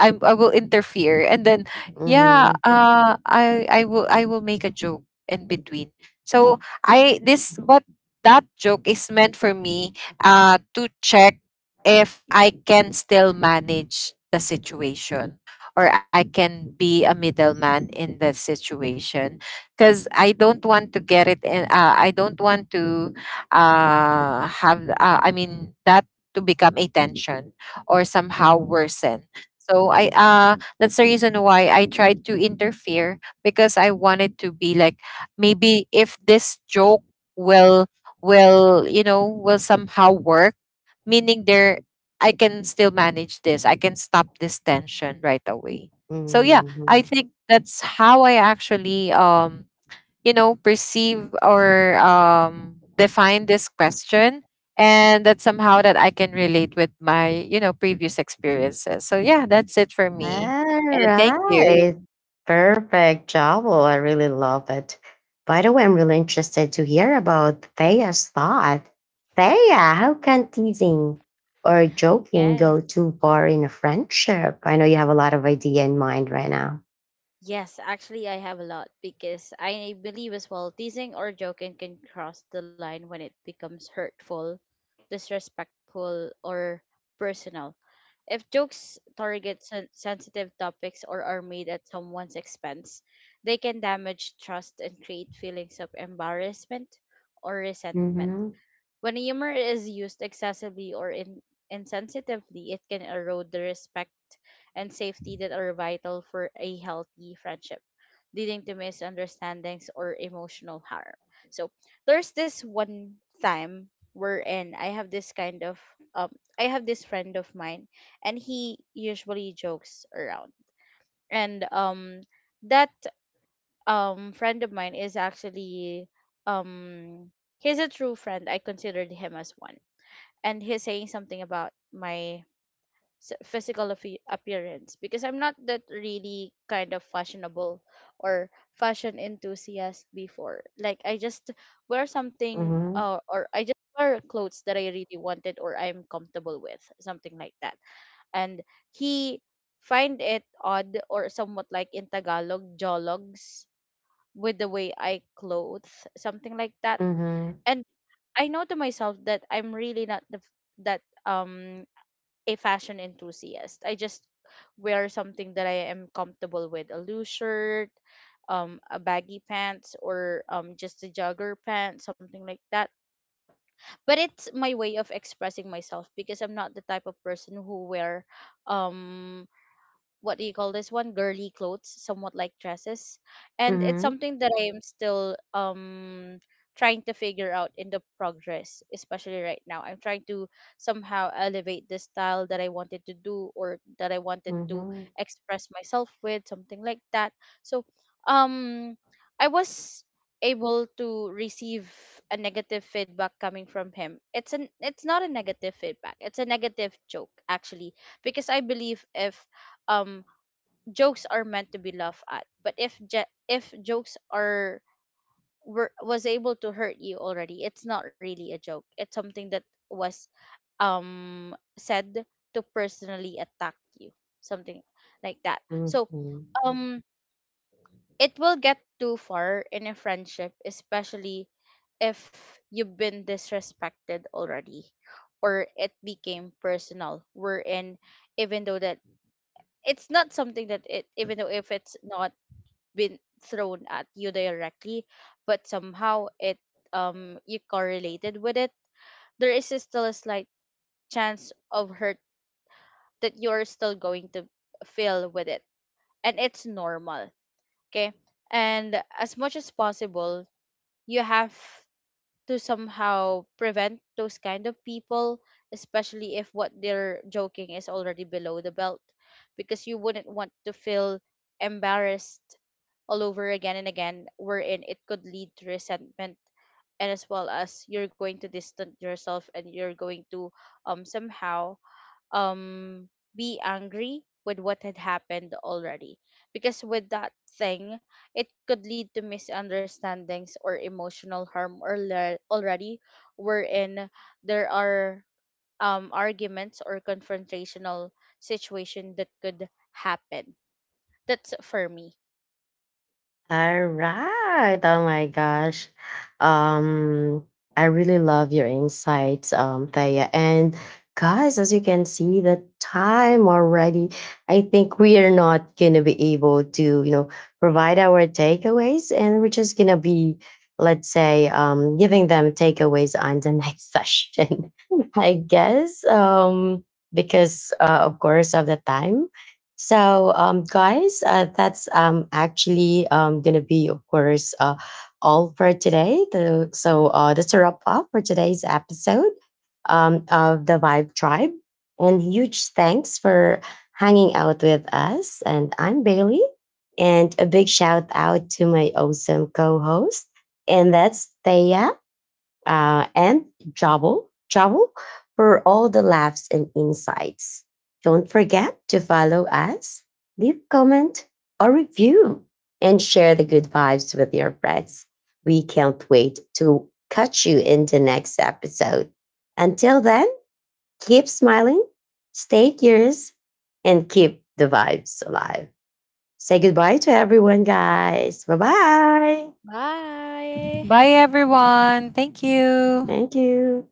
Speaker 3: I will interfere, and then, yeah,
Speaker 1: mhm,
Speaker 3: I will make a joke in between. So, I this but that joke is meant for me to check if I can still manage the situation, or I can be a middleman in the situation, because I don't want to get it, and, I don't want to, have, I mean, that— to become a tension, or somehow
Speaker 1: mhm,
Speaker 3: worsen. So I that's the reason why I tried to interfere, because I wanted to be like, maybe if this joke will will, will somehow work, meaning there I can still manage this. I can stop this tension right away. So yeah, I
Speaker 1: mhm.
Speaker 3: think that's how I actually, perceive or, define this question, and that somehow that I can relate with my, previous experiences. So yeah, that's it for me, and thank you.
Speaker 1: Alright. Perfect job. Oh, I really love it. By the way, I'm really interested to hear about Thea's thought. Thea, how can teasing or joking
Speaker 2: Yes.
Speaker 1: go too far in a friendship? I know you have a lot of idea in mind right now.
Speaker 2: Yes, actually I have a lot, because I believe as well teasing or joking can cross the line when it becomes hurtful, disrespectful, or personal. If jokes target sensitive topics or are made at someone's expense, they can damage trust and create feelings of embarrassment or resentment.
Speaker 1: Mm-hmm.
Speaker 2: When humor is used excessively or insensitively, it can erode the respect and safety that are vital for a healthy friendship, leading to misunderstandings or emotional harm. So there's this one time wherein I have this kind of um I have this friend of mine, and he usually jokes around. And that friend of mine is actually he's a true friend. I considered him as one, and he's saying something about my physical appearance, because I'm not that really kind of fashionable or fashion enthusiast before. Like I just wear something
Speaker 1: Mm-hmm.
Speaker 2: or I just wear clothes that I really wanted or I'm comfortable with, something like that. And he find it odd or somewhat like in Tagalog, jologs, with the way I clothe, something like that. And I know to myself that I'm really not the that a fashion enthusiast. I just wear something that I am comfortable with, a loose shirt, a baggy pants, or just a jogger pants, something like that. But it's my way of expressing myself, because I'm not the type of person who wear um what do you call this one, girly clothes, somewhat like dresses. And it's
Speaker 1: Mm-hmm.
Speaker 2: something that I am still trying to figure out in the progress, especially right now I'm trying to somehow elevate the style that I wanted to do, or that I wanted to
Speaker 1: Mhm,
Speaker 2: express myself with, something like that. So um I was able to receive a negative feedback coming from him. It's an, it's not a negative feedback, it's a negative joke, actually. Because I believe, if um jokes are meant to be laughed at, but if if jokes are were was able to hurt you already, it's not really a joke, it's something that was said to personally attack you, something like that. So
Speaker 1: mhm.
Speaker 2: um it will get too far in a friendship, especially if you've been disrespected already or it became personal, wherein even though that it's not something that, it even though if it's not been thrown at you directly, but somehow it you correlated with it, there is still a slight chance of hurt that you're still going to feel with it. And it's normal. Okay. And as much as possible, you have to somehow prevent those kind of people, especially if what they're joking is already below the belt, because you wouldn't want to feel embarrassed all over again and again, wherein it could lead to resentment, and as well as you're going to distance yourself and you're going to somehow um be angry with what had happened already. Because with that thing, it could lead to misunderstandings or emotional harm or already, wherein there are arguments or confrontational situation that could happen. That's for me.
Speaker 1: Alright, oh my gosh. Um, I really love your insights, Thea. And guys, as you can see, the time already, I think we are not gonna be able to, provide our takeaways, and we're just gonna be, let's say, giving them takeaways on the next session, I guess. Because, of course, of the time. So, guys, that's, actually going to be, of course, all for today. That's a wrap up for today's episode, of the Vibe Tribe. And huge thanks for hanging out with us. And I'm Bailey. And a big shout out to my awesome co host. And that's Thea, and Javo, Javo for all the laughs and insights. Don't forget to follow us, leave comment or review, and share the good vibes with your friends. We can't wait to catch you in the next episode. Until then, keep smiling, stay curious, and keep the vibes alive. Say goodbye to everyone, guys. Bye bye.
Speaker 2: Bye.
Speaker 3: Bye, everyone, thank you.
Speaker 1: Thank you.